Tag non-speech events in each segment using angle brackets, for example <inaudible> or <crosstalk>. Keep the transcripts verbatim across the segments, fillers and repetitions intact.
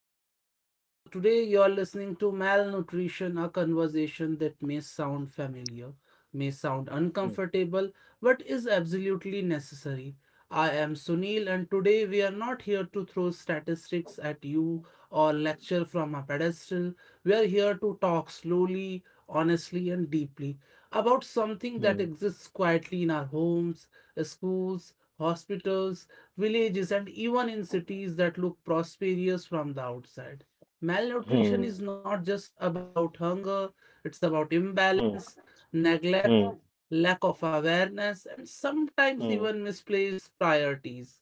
podcast. So, today you are listening to Malnutrition, a conversation that may sound familiar, may sound Mm, uncomfortable, but is absolutely necessary. I am Sunil, and today we are not here to throw statistics at you or lecture from a pedestal. We are here to talk slowly, honestly, and deeply about something that mm, exists quietly in our homes, schools, hospitals, villages, and even in cities that look prosperous from the outside. Malnutrition mm, is not just about hunger, it's about imbalance, mm, neglect, mm, lack of awareness, and sometimes mm, even misplaced priorities.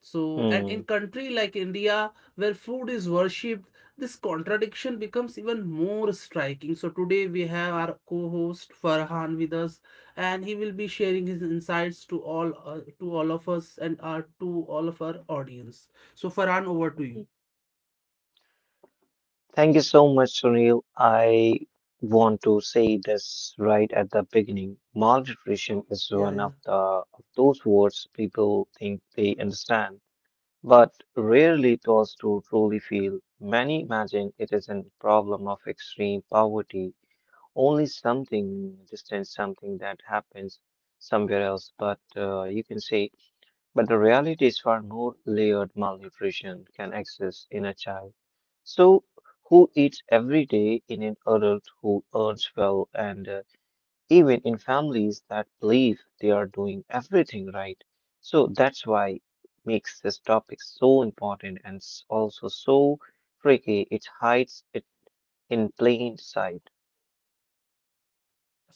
So, and in mm. country like India, where food is worshipped, this contradiction becomes even more striking. So today we have our co-host Farhan with us, and he will be sharing his insights to all uh, to all of us and our to all of our audience. So Farhan, over to mm. you. Thank you so much, Sunil. I want to say this right at the beginning. Malnutrition is Yeah, one yeah. of the of those words people think they understand, but rarely taught to truly feel. Many imagine it is a problem of extreme poverty, only something distant, something that happens somewhere else. But uh, you can say But the reality is far more layered malnutrition can exist in a child. So, who eats every day in an adult who earns well, and uh, even in families that believe they are doing everything right. So, that's why makes this topic so important and s- also so tricky. It hides it in plain sight.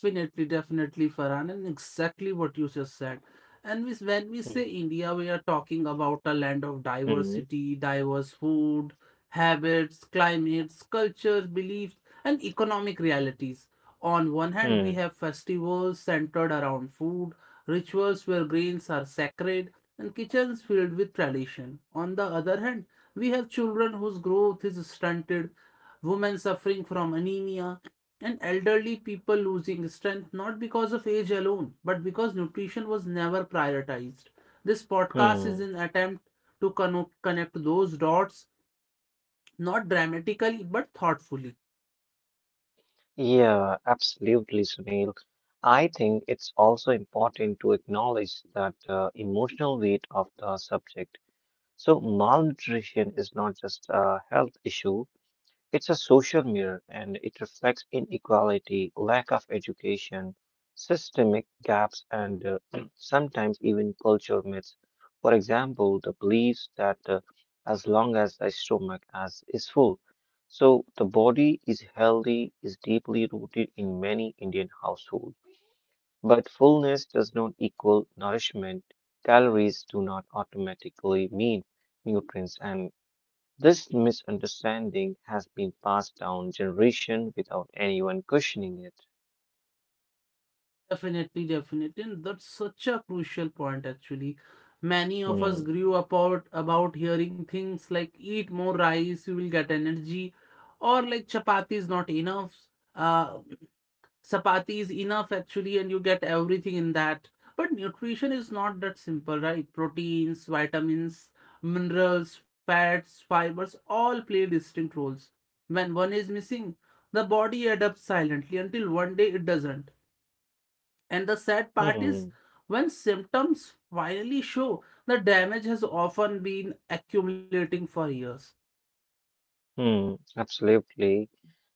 Definitely, definitely, Farhan, and exactly what you just said. And we, when we Hmm. say India, we are talking about a land of Hmm. diversity, diverse food, habits, climates, cultures, beliefs, and economic realities. On one hand, we Hmm. have festivals centered around food, rituals where grains are sacred, and kitchens filled with tradition. On the other hand, we have children whose growth is stunted, women suffering from anemia, and elderly people losing strength not because of age alone, but because nutrition was never prioritized. This podcast is Hmm. an attempt to conno- connect those dots, not dramatically, but thoughtfully. Yeah, absolutely, Sunil. I think it's also important to acknowledge that uh, emotional weight of the subject. So malnutrition is not just a health issue, it's a social mirror and it reflects inequality, lack of education, systemic gaps, and uh, <clears throat> sometimes even culture myths. For example, the beliefs that uh, as long as the stomach as, is full, so the body is healthy is deeply rooted in many Indian households. But fullness does not equal nourishment. Calories do not automatically mean nutrients, and this misunderstanding has been passed down generation without anyone questioning it. Definitely, definitely. And that's such a crucial point, actually. Many of us Hmm, grew up out about hearing things like eat more rice, you will get energy, or like chapati is not enough. Uh, Chapati is enough actually, and you get everything in that. But nutrition is not that simple, right? Proteins, vitamins, minerals, fats, fibers all play distinct roles. When one is missing, the body adapts silently until one day it doesn't. And the sad part is, hmm, when symptoms finally show, the damage has often been accumulating for years. hmm, absolutely.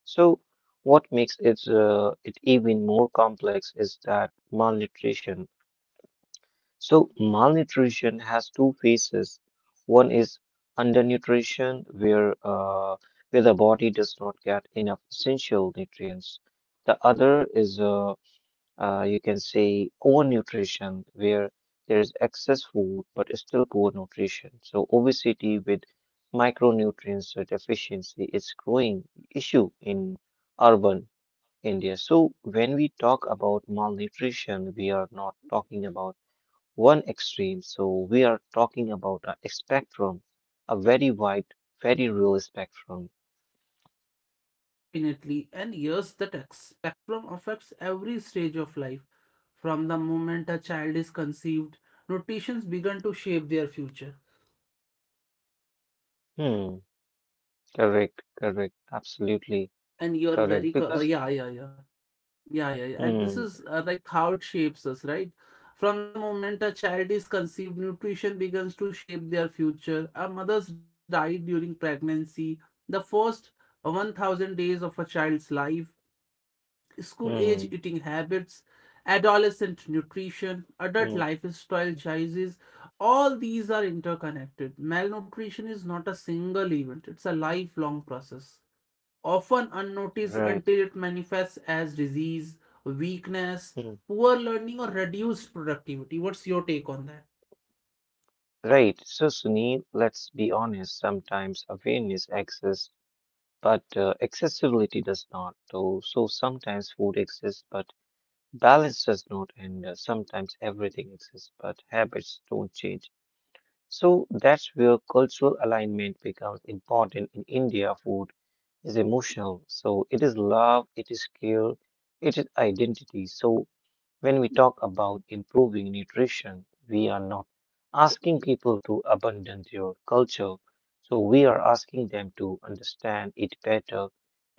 So, what makes it uh, it even more complex is that malnutrition. So, malnutrition has two phases. One is undernutrition, where uh, where the body does not get enough essential nutrients. The other is uh, uh, you can say overnutrition, where there is excess food but still poor nutrition. So obesity with micronutrients so deficiency is growing issue in urban India. So when we talk about malnutrition, we are not talking about one extreme. So we are talking about a spectrum, a very wide, very real spectrum. Definitely, and yes, that ex- spectrum affects every stage of life. From the moment a child is conceived, notations begin to shape their future. Hmm. Correct. Correct. Absolutely And you're correct. very, co- uh, Because yeah, yeah, yeah. Yeah, yeah, yeah. And this hmm. is uh, like how it shapes us, right? From the moment a child is conceived, nutrition begins to shape their future. A mother's diet during pregnancy, the first one thousand days of a child's life, school age Hmm. eating habits, adolescent nutrition, hmm. adult lifestyle choices, all these are interconnected. Malnutrition is not a single event, it's a Mm, lifelong process, often unnoticed right. until it manifests as disease, weakness, Mm, poor learning, or reduced productivity. What's your take on that? right. So, Sunil, let's be honest. Sometimes awareness exists, but uh, accessibility does not. So, so sometimes food exists, but balance does not. And uh, sometimes everything exists, but habits don't change. So that's where cultural alignment becomes important. In India, food is emotional. So it is love, it is care, it is identity. So when we talk about improving nutrition, we are not asking people to abandon their culture. So we are asking them to understand it better,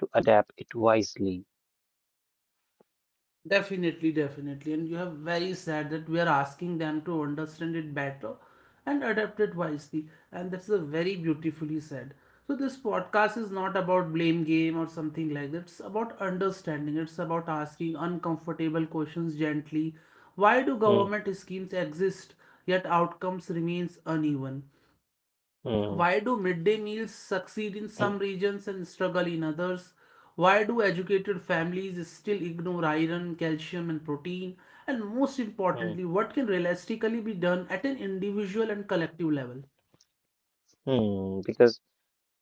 to adapt it wisely. Definitely, definitely. And you have very sad that we are asking them to understand it better and adapt it wisely. And that's a very beautifully said. So this podcast is not about blame game or something like that. It's about understanding. It's about asking uncomfortable questions gently. Why do Mm, government schemes exist yet outcomes remains uneven? mm, Why do midday meals succeed in mm, some regions and struggle in others? Why do educated families still ignore iron, calcium, and protein? And most mm, importantly, what can realistically be done at an individual and collective level? mm. Because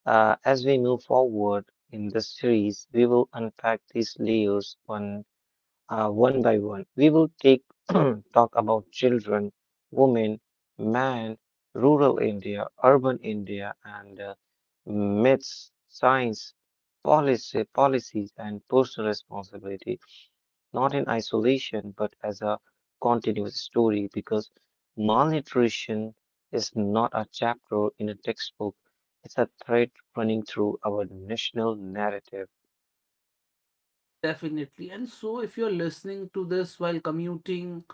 uh, as we move forward in the series, we will unpack these layers one uh, one by one. We will take <clears throat> talk about children, women, man, rural India, urban India, and uh, myths, science, policy, policies, and personal responsibility, not in isolation but as a continuous story. Because malnutrition is not a chapter in a textbook; it's a thread running through our national narrative. Definitely. And so, if you're listening to this while commuting,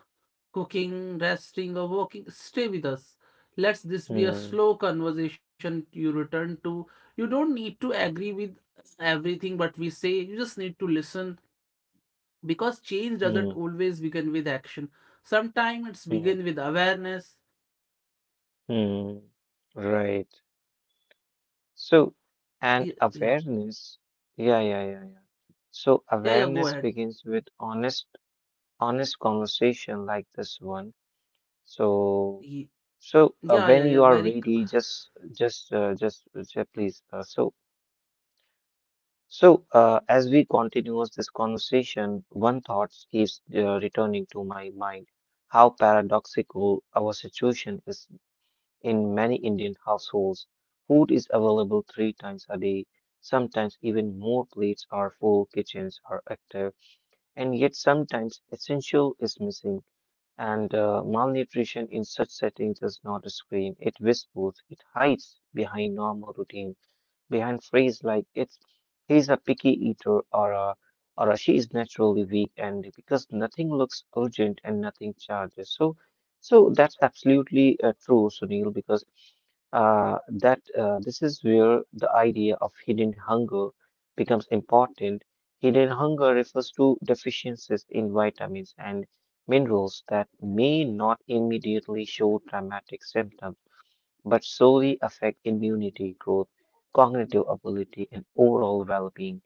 cooking, resting, or walking, stay with us. Let's this be a Hmm, slow conversation you return to. You don't need to agree with everything what we say, you just need to listen because change doesn't hmm, always begin with action, sometimes it's hmm. begin with awareness. Hmm. right. So, Y- and Yeah, awareness. Yeah, yeah, yeah, yeah. So yeah, yeah, go awareness ahead. begins with honest, honest conversation like this one. So, Ye- so uh, yeah when yeah yeah you are very c- ready, just, just, uh, just, uh, please. Uh, so, so uh, as we continues this conversation, one thought keeps uh, returning to my mind: how paradoxical our situation is. In many Indian households, food is available three times a day. Sometimes even more plates are full, kitchens are active, and yet sometimes essential is missing. And uh, malnutrition in such settings does not scream, it whispers, it hides behind normal routine, behind phrases like it's he's a picky eater or a or a, she is naturally weak and because nothing looks urgent and nothing charges. So so that's absolutely uh, true, Sunil, because uh, that uh, this is where the idea of hidden hunger becomes important. Hidden hunger refers to deficiencies in vitamins and minerals that may not immediately show dramatic symptoms, but slowly affect immunity, growth, cognitive ability, and overall well being.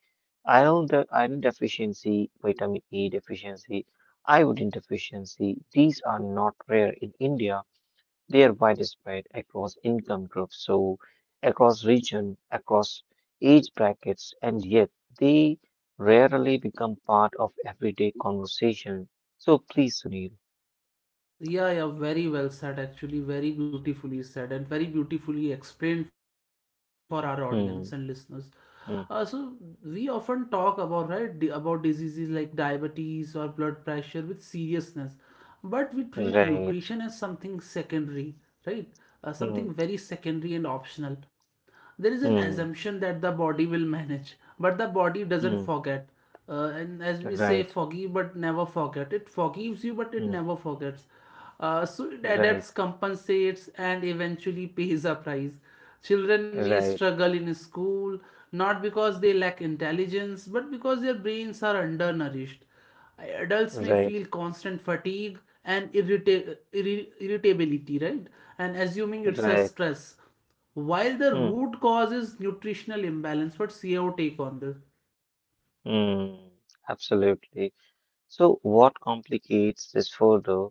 Iron, de- iron deficiency, vitamin E deficiency, iodine deficiency, these are not rare in India, they are widespread across income groups, so across region, across age brackets, and yet they rarely become part of everyday conversation. So please, Sunil. yeah, yeah, very well said actually, very beautifully said and very beautifully explained for our audience and listeners. Hmm, Uh, so we hmm, often talk about right di- about diseases like diabetes or blood pressure with seriousness, but we treat nutrition as right. something secondary, right, uh, something very Hmm, secondary and optional. There is an assumption hmm, that the body will manage, but the body doesn't hmm, forget. Uh, and as we say, right. forgive but never forget, it forgives you but it Hmm, never forgets. Uh, so it right. adapts, compensates, and eventually pays a price. Children may Right. struggle in school not because they lack intelligence but because their brains are undernourished. Adults may Right. feel constant fatigue and irrita- irri- irritability, right, and assuming it's a Right. stress while the Hmm, root cause is nutritional imbalance. What's your take on this? hmm. Absolutely. So, what complicates this further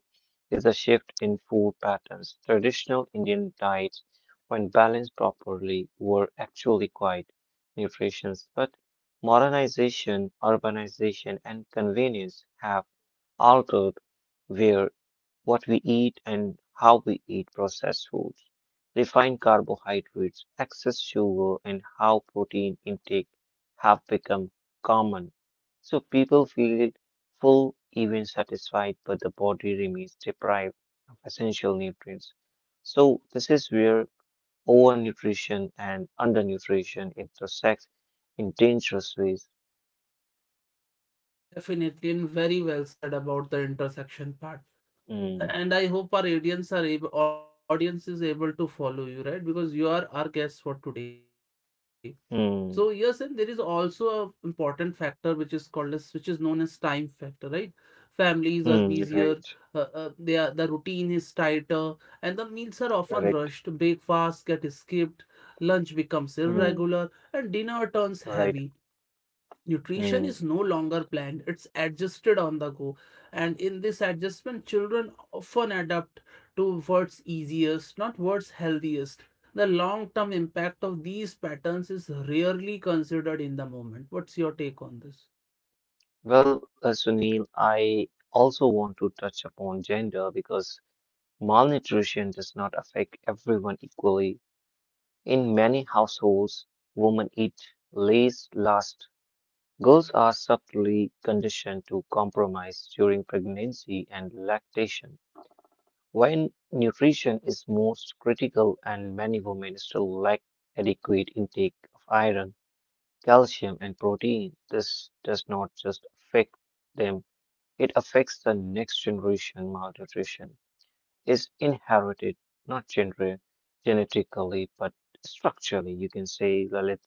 is the shift in food patterns. Traditional Indian diets, when balanced properly, were actually quite nutritious, but modernization, urbanization, and convenience have altered where what we eat and how we eat processed foods, refined carbohydrates, excess sugar, and how protein intake have become common. So people feel full, even satisfied, but the body remains deprived of essential nutrients. So this is where overnutrition and undernutrition intersect in dangerous ways. Definitely, and very well said about the intersection part. Mm, And I hope our audience are able audience is able to follow you, right, because you are our guest for today. So yes, and there is also mm, a important factor which is called as, which is known as, time factor, right? Families are busier, mm, uh, right, uh, they are, the routine is tighter, and the meals are often rushed. correct, Breakfast get skipped, lunch becomes mm, irregular, and dinner turns right. heavy. Nutrition Mm. is no longer planned, it's adjusted on the go. And in this adjustment, children often adapt to what's easiest, not what's healthiest. The long term impact of these patterns is rarely considered in the moment. What's your take on this? Well, uh, Sunil, I also want to touch upon gender because malnutrition does not affect everyone equally. In many households, women eat least last. Girls are subtly conditioned to compromise during pregnancy and lactation, when nutrition is most critical and many women still lack adequate intake of iron, calcium, and protein. This does not just affect them, it affects the next generation. Malnutrition is inherited, not gener- genetically, but structurally, you can say, Lalit.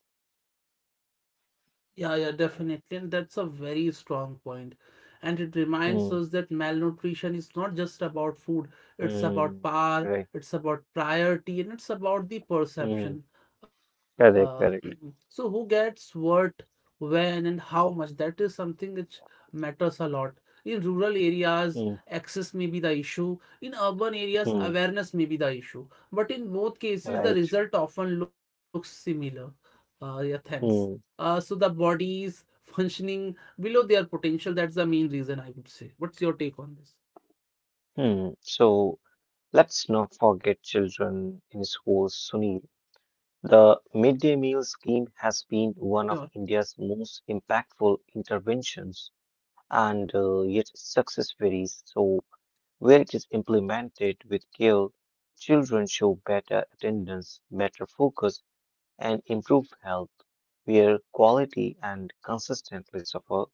Yeah, yeah, definitely. And that's a very strong point. And it reminds Hmm, us that malnutrition is not just about food, it's about hmm, power, right. it's about priority, and it's about the Hmm, perception. Uh, correct, <clears throat> so, who correct. gets what, when, and how much? That is something which matters a lot. In rural areas, Hmm, access may be the issue. In urban areas, hmm, awareness may be the issue. But in both cases, the right. result often looks similar. Uh, yeah, thanks. Uh, Hmm, so the body is functioning below their potential. That's the main reason I would say. What's your take on this? hmm. So let's not forget children in schools, Sunil. The Sure. midday meal scheme has been one of India's most impactful interventions, and uh, yet success varies. So where it is implemented with care, children show better attendance, better focus, and improved health. Where quality and consistently suffer,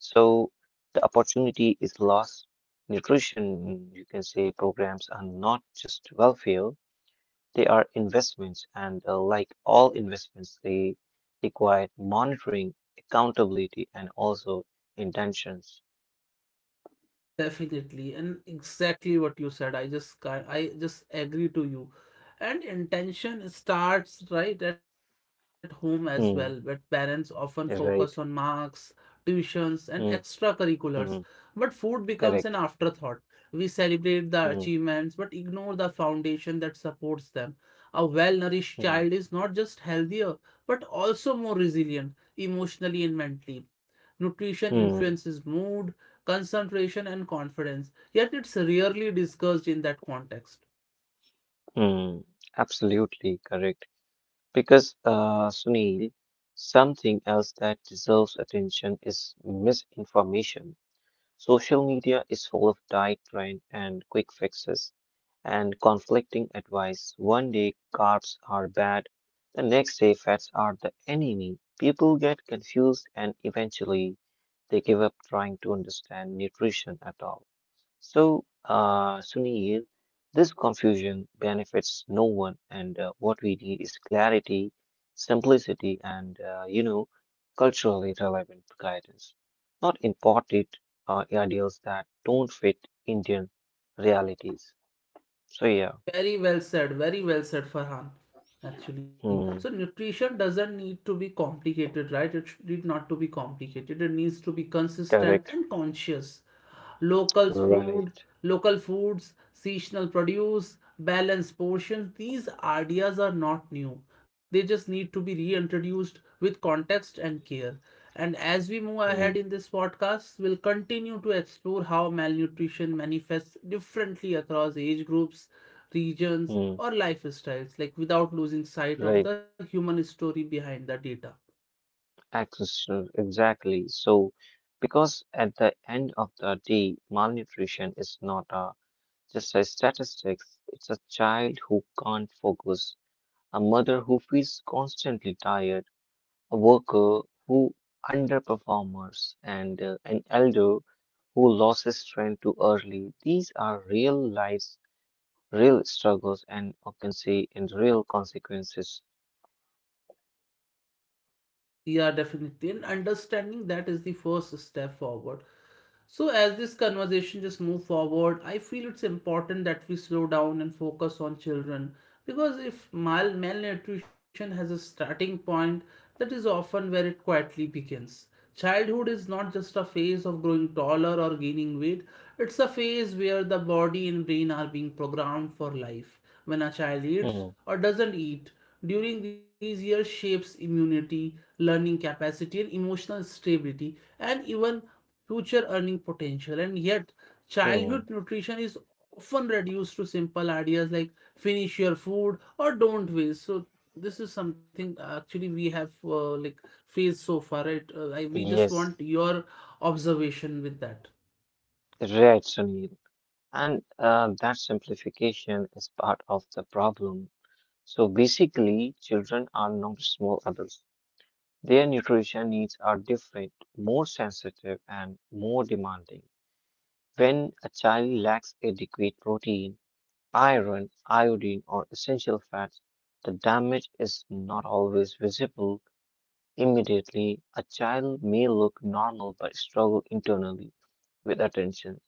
so the opportunity is lost. Nutrition, you can say, programs are not just welfare, they are investments, and uh, like all investments, they require monitoring, accountability, and also intentions. Definitely, and exactly what you said. I just ca- I just agree to you. And intention starts right at home as well, but parents Hmm, often focus on right. marks, tuitions, and Hmm, extracurriculars. But hmm, food becomes an correct. afterthought. We celebrate the Hmm. achievements, but ignore the foundation that supports them. A well-nourished Hmm. child is not just healthier, but also more resilient emotionally and mentally. Nutrition Hmm. influences mood, concentration, and confidence, yet it's rarely discussed in that context. mm. Absolutely correct. Because, uh, Sunil, something else that deserves attention is misinformation. Social media is full of diet trend and quick fixes and conflicting advice. One day carbs are bad, the next day fats are the enemy. People get confused and eventually they give up trying to understand nutrition at all. So, uh, Sunil, this confusion benefits no one, and uh, what we need is clarity, simplicity, and uh, you know, culturally relevant guidance, not imported uh, ideals that don't fit Indian realities. So, yeah, Very well said, very well said, Farhan. Actually, so hmm, nutrition doesn't need to be complicated, right? It should need not to be complicated. It needs to be consistent correct, and conscious. Locals food, right, local foods, seasonal produce, balanced portions, these ideas are not new, they just need to be reintroduced with context and care. And as we move hmm, ahead in this podcast, we'll continue to explore how malnutrition manifests differently across age groups, regions, hmm, or lifestyles, like without losing sight of right, the human story behind the data. access, uh, exactly. So, because at the end of the day, malnutrition is not a just as statistics. It's a child who can't focus, a mother who feels constantly tired, a worker who underperforms, and uh, an elder who lost his strength too early. These are real lives, real struggles, and occupancy and real consequences. Yeah, definitely. And understanding that is the first step forward. So, as this conversation just move forward, I feel it's important that we slow down and focus on children because if mal- malnutrition has a starting point, that is often where it quietly begins. Childhood is not just a phase of growing taller or gaining weight, it's a phase where the body and brain are being programmed for life. When a child eats Hmm, or doesn't eat during these years shapes immunity, learning capacity, and emotional stability, and even future earning potential. And yet, hmm. childhood nutrition is often reduced to simple ideas like finish your food or don't waste. So this is something uh, actually we have uh, like faced so far, right? Uh, I, we just Yes, want your observation with that. right, Sunil. And uh, that simplification is part of the problem. So basically, children are not small adults. Their nutrition needs are different, more sensitive, and more demanding. When a child lacks adequate protein, iron, iodine, or essential fats, the damage is not always visible. Immediately, a child may look normal but struggle internally with attention.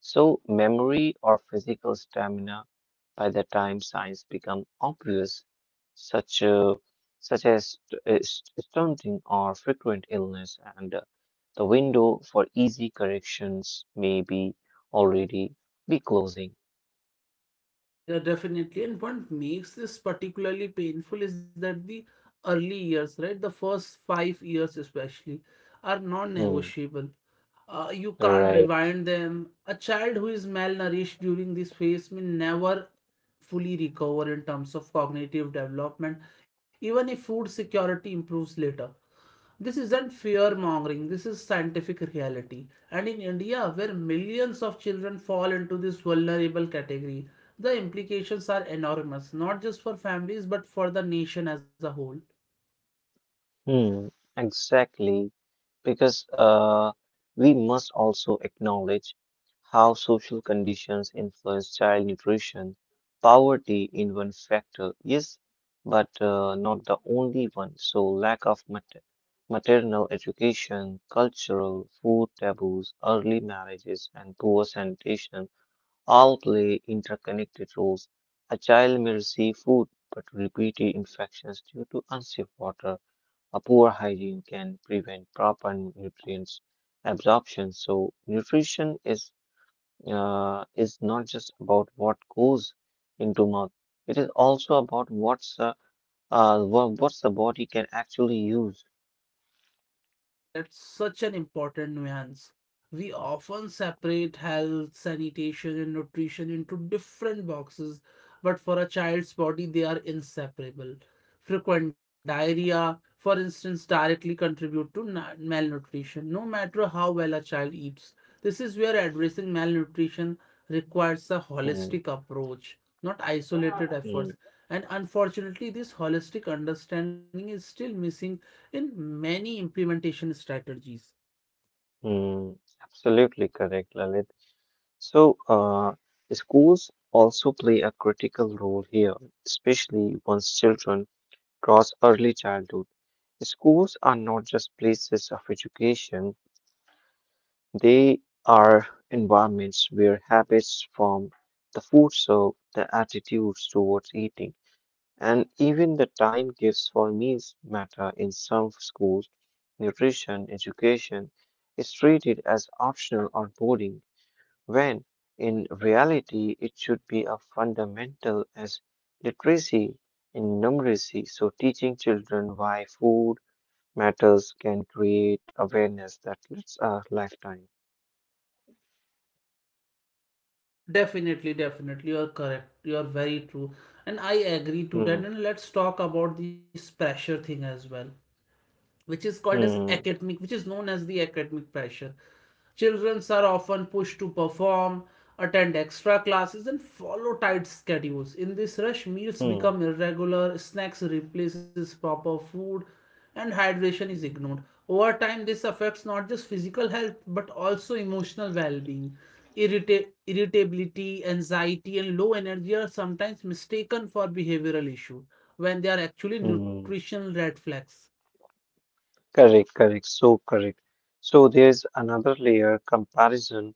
So, memory or physical stamina by the time signs become obvious, such, uh, such as st- uh, st- stunting or frequent illness, and uh, the window for easy corrections may be already be closing. Yeah, definitely. And what makes this particularly painful is that the early years, right, the first five years especially, are Hmm, non-negotiable. uh, you can't right. rewind them. A child who is malnourished during this phase may never fully recover in terms of cognitive development, even if food security improves later. This isn't fear mongering, this is scientific reality. And in India, where millions of children fall into this vulnerable category, the implications are enormous, not just for families but for the nation as a whole. Hmm, exactly, because uh, we must also acknowledge how social conditions influence child nutrition. Poverty in one factor, yes, but uh, not the only one. So lack of mater maternal education, cultural food taboos, early marriages, and poor sanitation all play interconnected roles. A child may receive food, but repeated infections due to unsafe water a poor hygiene can prevent proper nutrients absorption. So nutrition is uh, is not just about what goes into mouth. It is also about what's uh, uh, wha- what's the body can actually use. That's such an important nuance. We often separate health, sanitation, and nutrition into different boxes, but for a child's body, they are inseparable. Frequent diarrhea, for instance, directly contribute to na- malnutrition, no matter how well a child eats. This is where addressing malnutrition requires a Mm, holistic approach, not isolated mm, efforts. And unfortunately, this holistic understanding is still missing in many implementation strategies. mm. Absolutely correct, Lalit. So uh, schools also play a critical role here, especially once children cross early childhood. Schools are not just places of education, they are environments where habits form, the food served, the attitudes towards eating, and even the time gives for meals matter in some schools. Nutrition education is treated as optional or boarding, when in reality it should be a fundamental as literacy in numeracy. So teaching children why food matters can create awareness that lasts a lifetime. Definitely, definitely, you are correct, you are very true, and I agree to that. Hmm. And let's talk about this pressure thing as well, which is called as Hmm, academic, which is known as the academic pressure. Children are often pushed to perform, attend extra classes, and follow tight schedules. In this rush, meals hmm, become irregular, snacks replaces proper food, and hydration is ignored. Over time, this affects not just physical health but also emotional well-being. Irrita- irritability, anxiety, and low energy are sometimes mistaken for behavioral issues when they are actually hmm. nutritional red flags. Correct, correct, so correct. So there's another layer comparison.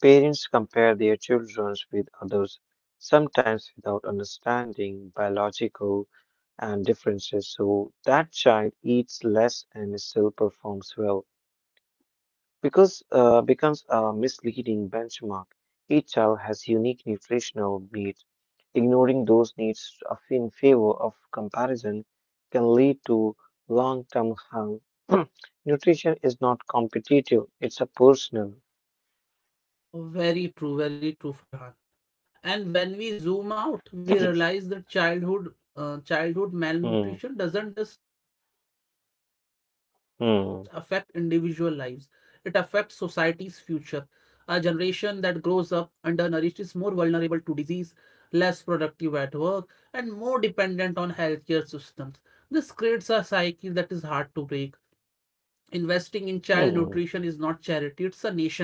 Parents compare their children with others, sometimes without understanding biological and differences. So that child eats less and still performs well, because uh, becomes a misleading benchmark. Each child has unique nutritional needs. Ignoring those needs of- in favor of comparison can lead to long term harm. <clears throat> Nutrition is not competitive, it's a personal. Very true, very true, Farhan. And when we zoom out, we <clears throat> realize that childhood uh, childhood Hmm, malnutrition doesn't just affect individual lives; it affects hmm, society's future. A generation that grows up undernourished is more vulnerable to disease, less productive at work, and more dependent on healthcare systems. This creates a cycle that is hard to break. Investing in child nutrition is hmm. not charity; it's a nation building.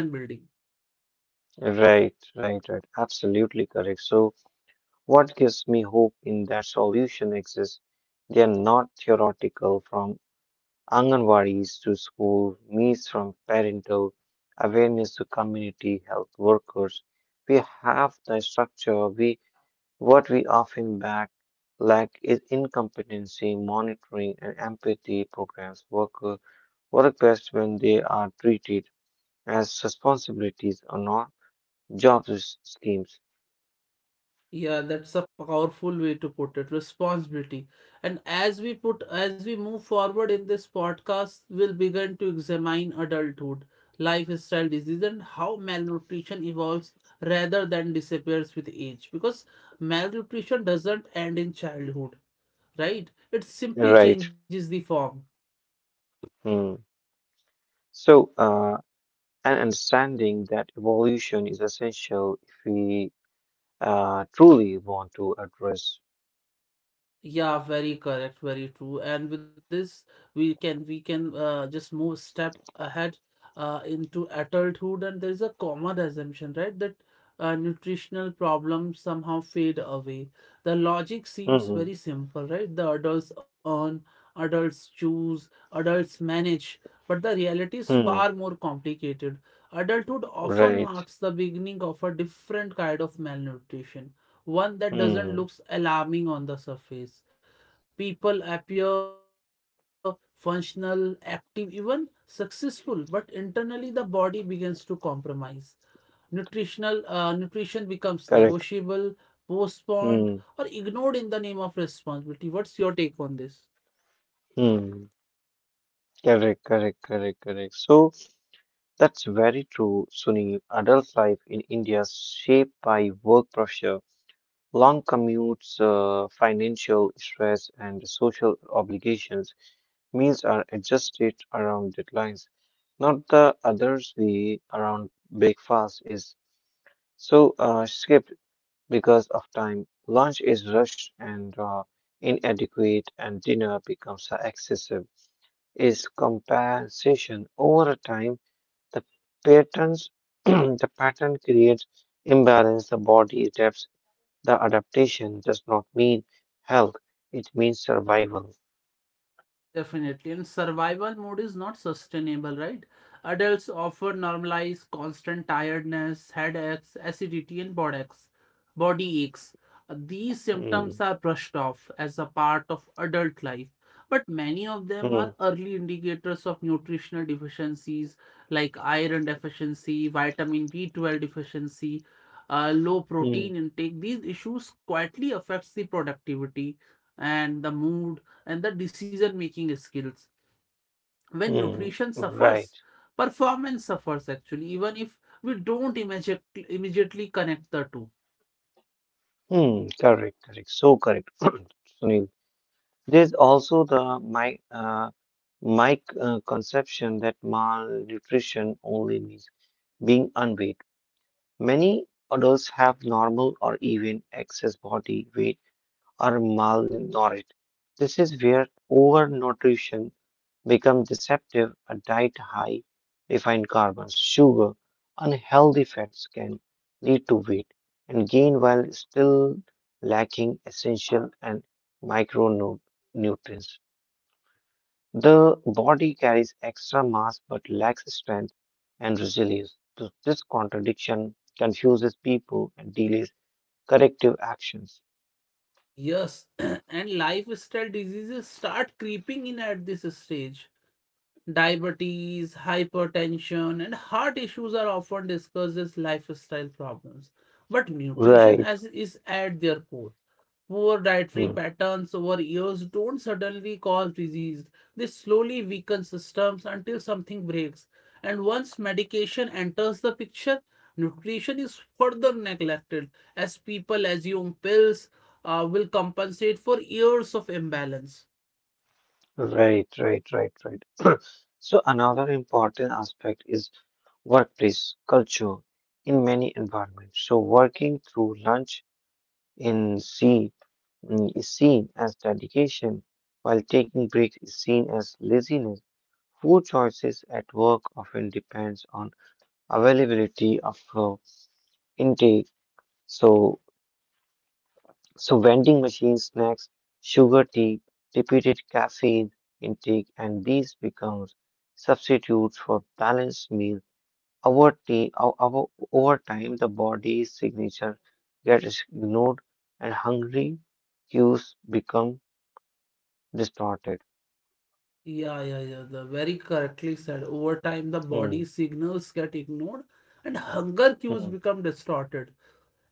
Right, right, right. Absolutely correct. So, what gives me hope in that solution exists? They are not theoretical from Anganwadis to school, meets from parental awareness to community health workers. We have the structure. We What we often back lack is incompetency, monitoring, and empathy programs. Worker work best when they are treated as responsibilities or not job s- schemes. Yeah, that's a powerful way to put it, responsibility. And as we put, as we move forward in this podcast, we'll begin to examine adulthood, lifestyle disease, and how malnutrition evolves rather than disappears with age. Because malnutrition doesn't end in childhood, right? It simply Right. changes the form. Hmm. So, uh, an understanding that evolution is essential if we uh, truly want to address. Yeah, very correct, very true. And with this, we can we can uh, just move step ahead uh, into adulthood. And there's a common assumption, right, that uh, nutritional problems somehow fade away. The logic seems very Mm-hmm. simple, right? The adults earn, adults choose, adults manage. But the reality is far Mm, more complicated. Adulthood often right. marks the beginning of a different kind of malnutrition, one that doesn't Mm, look alarming on the surface. People appear functional, active, even successful, but internally the body begins to compromise. Nutritional uh, nutrition becomes negotiable, correct. postponed, or Mm, ignored in the name of responsibility. What's your take on this? mm, correct, correct, correct, correct. So that's very true, Sunil. Adult life in India is shaped by work pressure, long commutes, uh, financial stress, and social obligations. Meals are adjusted around deadlines, not the others way around breakfast is. So, uh, skip, because of time. Lunch is rushed and uh, inadequate, and dinner becomes excessive. Is compensation over time the patterns <clears throat> the pattern creates imbalance. The body adapts. The adaptation does not mean health; it means survival. Definitely. And survival mode is not sustainable, right? Adults often normalize constant tiredness, headaches, acidity, and body aches. Body aches. Uh, These symptoms Hmm, are brushed off as a part of adult life, but many of them hmm, are early indicators of nutritional deficiencies like iron deficiency, vitamin B twelve deficiency, uh, low protein hmm, intake. These issues quietly affects the productivity and the mood and the decision making skills. When hmm. nutrition suffers, Right. performance suffers actually, even if we don't immediate- immediately connect the two. Hmm. Correct. Correct. So correct. <clears throat> Sunil. There's also the my uh, my uh, conception that malnutrition only means being unweight. Many adults have normal or even excess body weight or malnourished. This is where overnutrition becomes deceptive. A diet high refined carbons, sugar, unhealthy fats can lead to weight and gain while still lacking essential and micronutrients. The body carries extra mass but lacks strength and resilience. Th- This contradiction confuses people and delays corrective actions. Yes, <clears throat> and lifestyle diseases start creeping in at this stage. Diabetes, hypertension, and heart issues are often discussed as lifestyle problems, but nutrition Right. as is at their core. Poor dietary Hmm. patterns over years don't suddenly cause disease. They slowly weaken systems until something breaks. And once medication enters the picture, nutrition is further neglected as people assume pills uh, will compensate for years of imbalance. Right, right, right, right. <clears throat> So, another important aspect is workplace culture in many environments. So, working through lunch in sea mm, is seen as dedication, while taking breaks is seen as laziness. Food choices at work often depends on availability of uh, intake. So, so vending machine snacks, sugar tea, repeated caffeine intake, and these becomes substitutes for balanced meal. Over, tea, o- over, Over time, the body's signature gets ignored and hungry cues become distorted. Yeah, yeah, yeah. The very correctly said. Over time, the Hmm, body signals get ignored and hunger cues hmm, become distorted.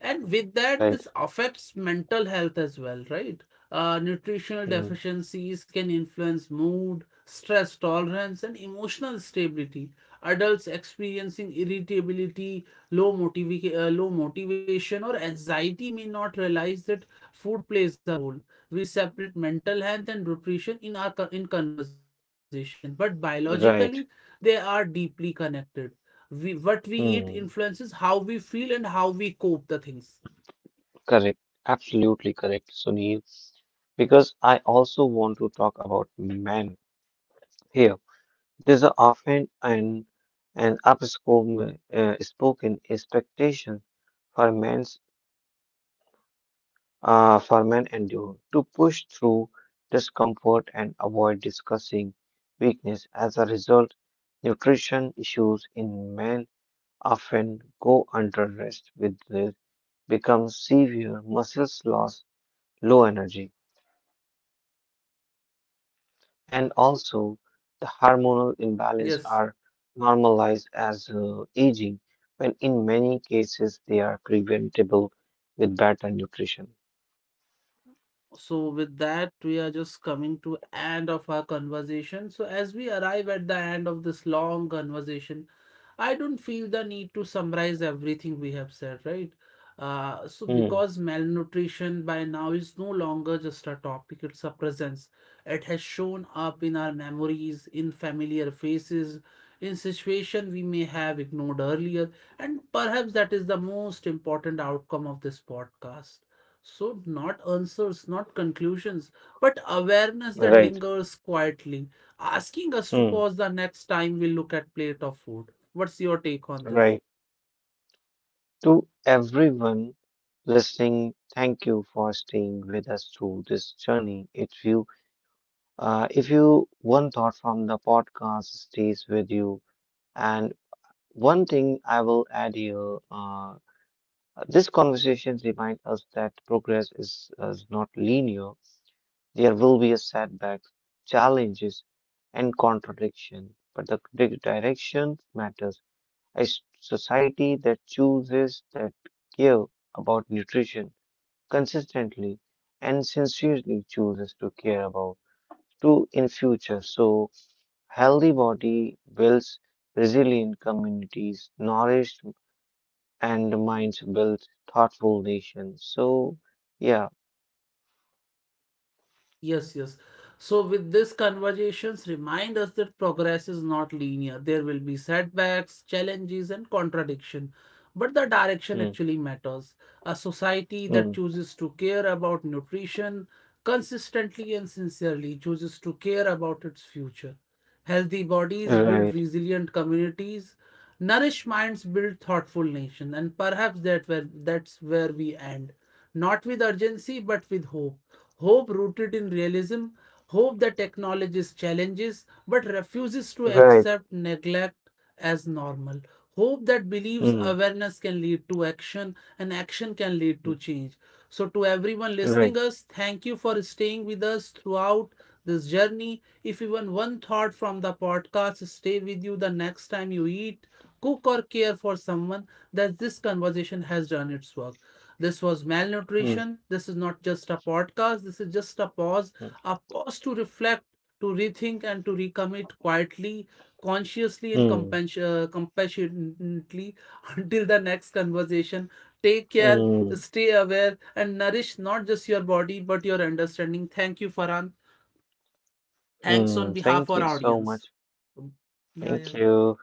And with that, right, this affects mental health as well, right? Uh, nutritional hmm, deficiencies can influence mood, stress tolerance, and emotional stability. Adults experiencing irritability, low motiva- uh, low motivation, or anxiety may not realize that food plays a role. We separate mental health and nutrition in our co- in conversation, but biologically they right. are deeply connected. We what we eat influences Hmm. how we feel and how we cope the things. Correct, absolutely correct, Sunil. Because I also want to talk about men here. There's a often an an upspoken uh, spoken expectation for men's uh, for men and you to push through discomfort and avoid discussing weakness. As a result, nutrition issues in men often go under rest with the- become severe muscles loss, low energy and also the hormonal imbalance Yes. are normalized as uh, aging when in many cases they are preventable with better nutrition. So with that, we are just coming to end of our conversation. So as we arrive at the end of this long conversation, I don't feel the need to summarize everything we have said, right? Uh, so, Hmm, Because malnutrition by now is no longer just a topic, it's a presence. It has shown up in our memories, in familiar faces, in situations we may have ignored earlier, and perhaps that is the most important outcome of this podcast. So, not answers, not conclusions, but awareness that right. lingers quietly, asking us to Hmm, pause the next time we look at plate of food. What's your take on this? right. To everyone listening, thank you for staying with us through this journey. If you uh, if you one thought from the podcast stays with you and one thing I will add here, uh, Uh, these conversations remind us that progress is, is not linear. There will be a setbacks, challenges, and contradiction, but the di- direction matters. A s- society that chooses that care about nutrition consistently and sincerely chooses to care about to in future. So healthy body builds resilient communities nourished and minds build thoughtful nations. So, yeah, Yes, yes. So, with these conversations, remind us that progress is not linear. There will be setbacks, challenges, and contradiction. But the direction mm, actually matters. A society that mm, chooses to care about nutrition consistently and sincerely chooses to care about its future. Healthy bodies build right, resilient communities. Nourished minds build thoughtful nation. And perhaps that where, that's where we end. Not with urgency, but with hope. Hope rooted in realism, hope that acknowledges challenges but refuses to right, accept neglect as normal. Hope that believes mm, awareness can lead to action and action can lead to mm, change. So, to everyone listening right, us, thank you for staying with us throughout this journey. If even one thought from the podcast stay with you the next time you eat, cook, or care for someone, that this conversation has done its work. This was mm, malnutrition. This is not just a podcast. This is just a pause, mm, a pause to reflect, to rethink, and to recommit quietly, consciously, and mm, compas- uh, compassionately <laughs> until the next conversation. Take care, mm, stay aware, and nourish not just your body but your understanding. Thank you, Farhan. Thanks on mm. behalf Thank of you our so audience. much. Um, Yeah, yeah. Thank you.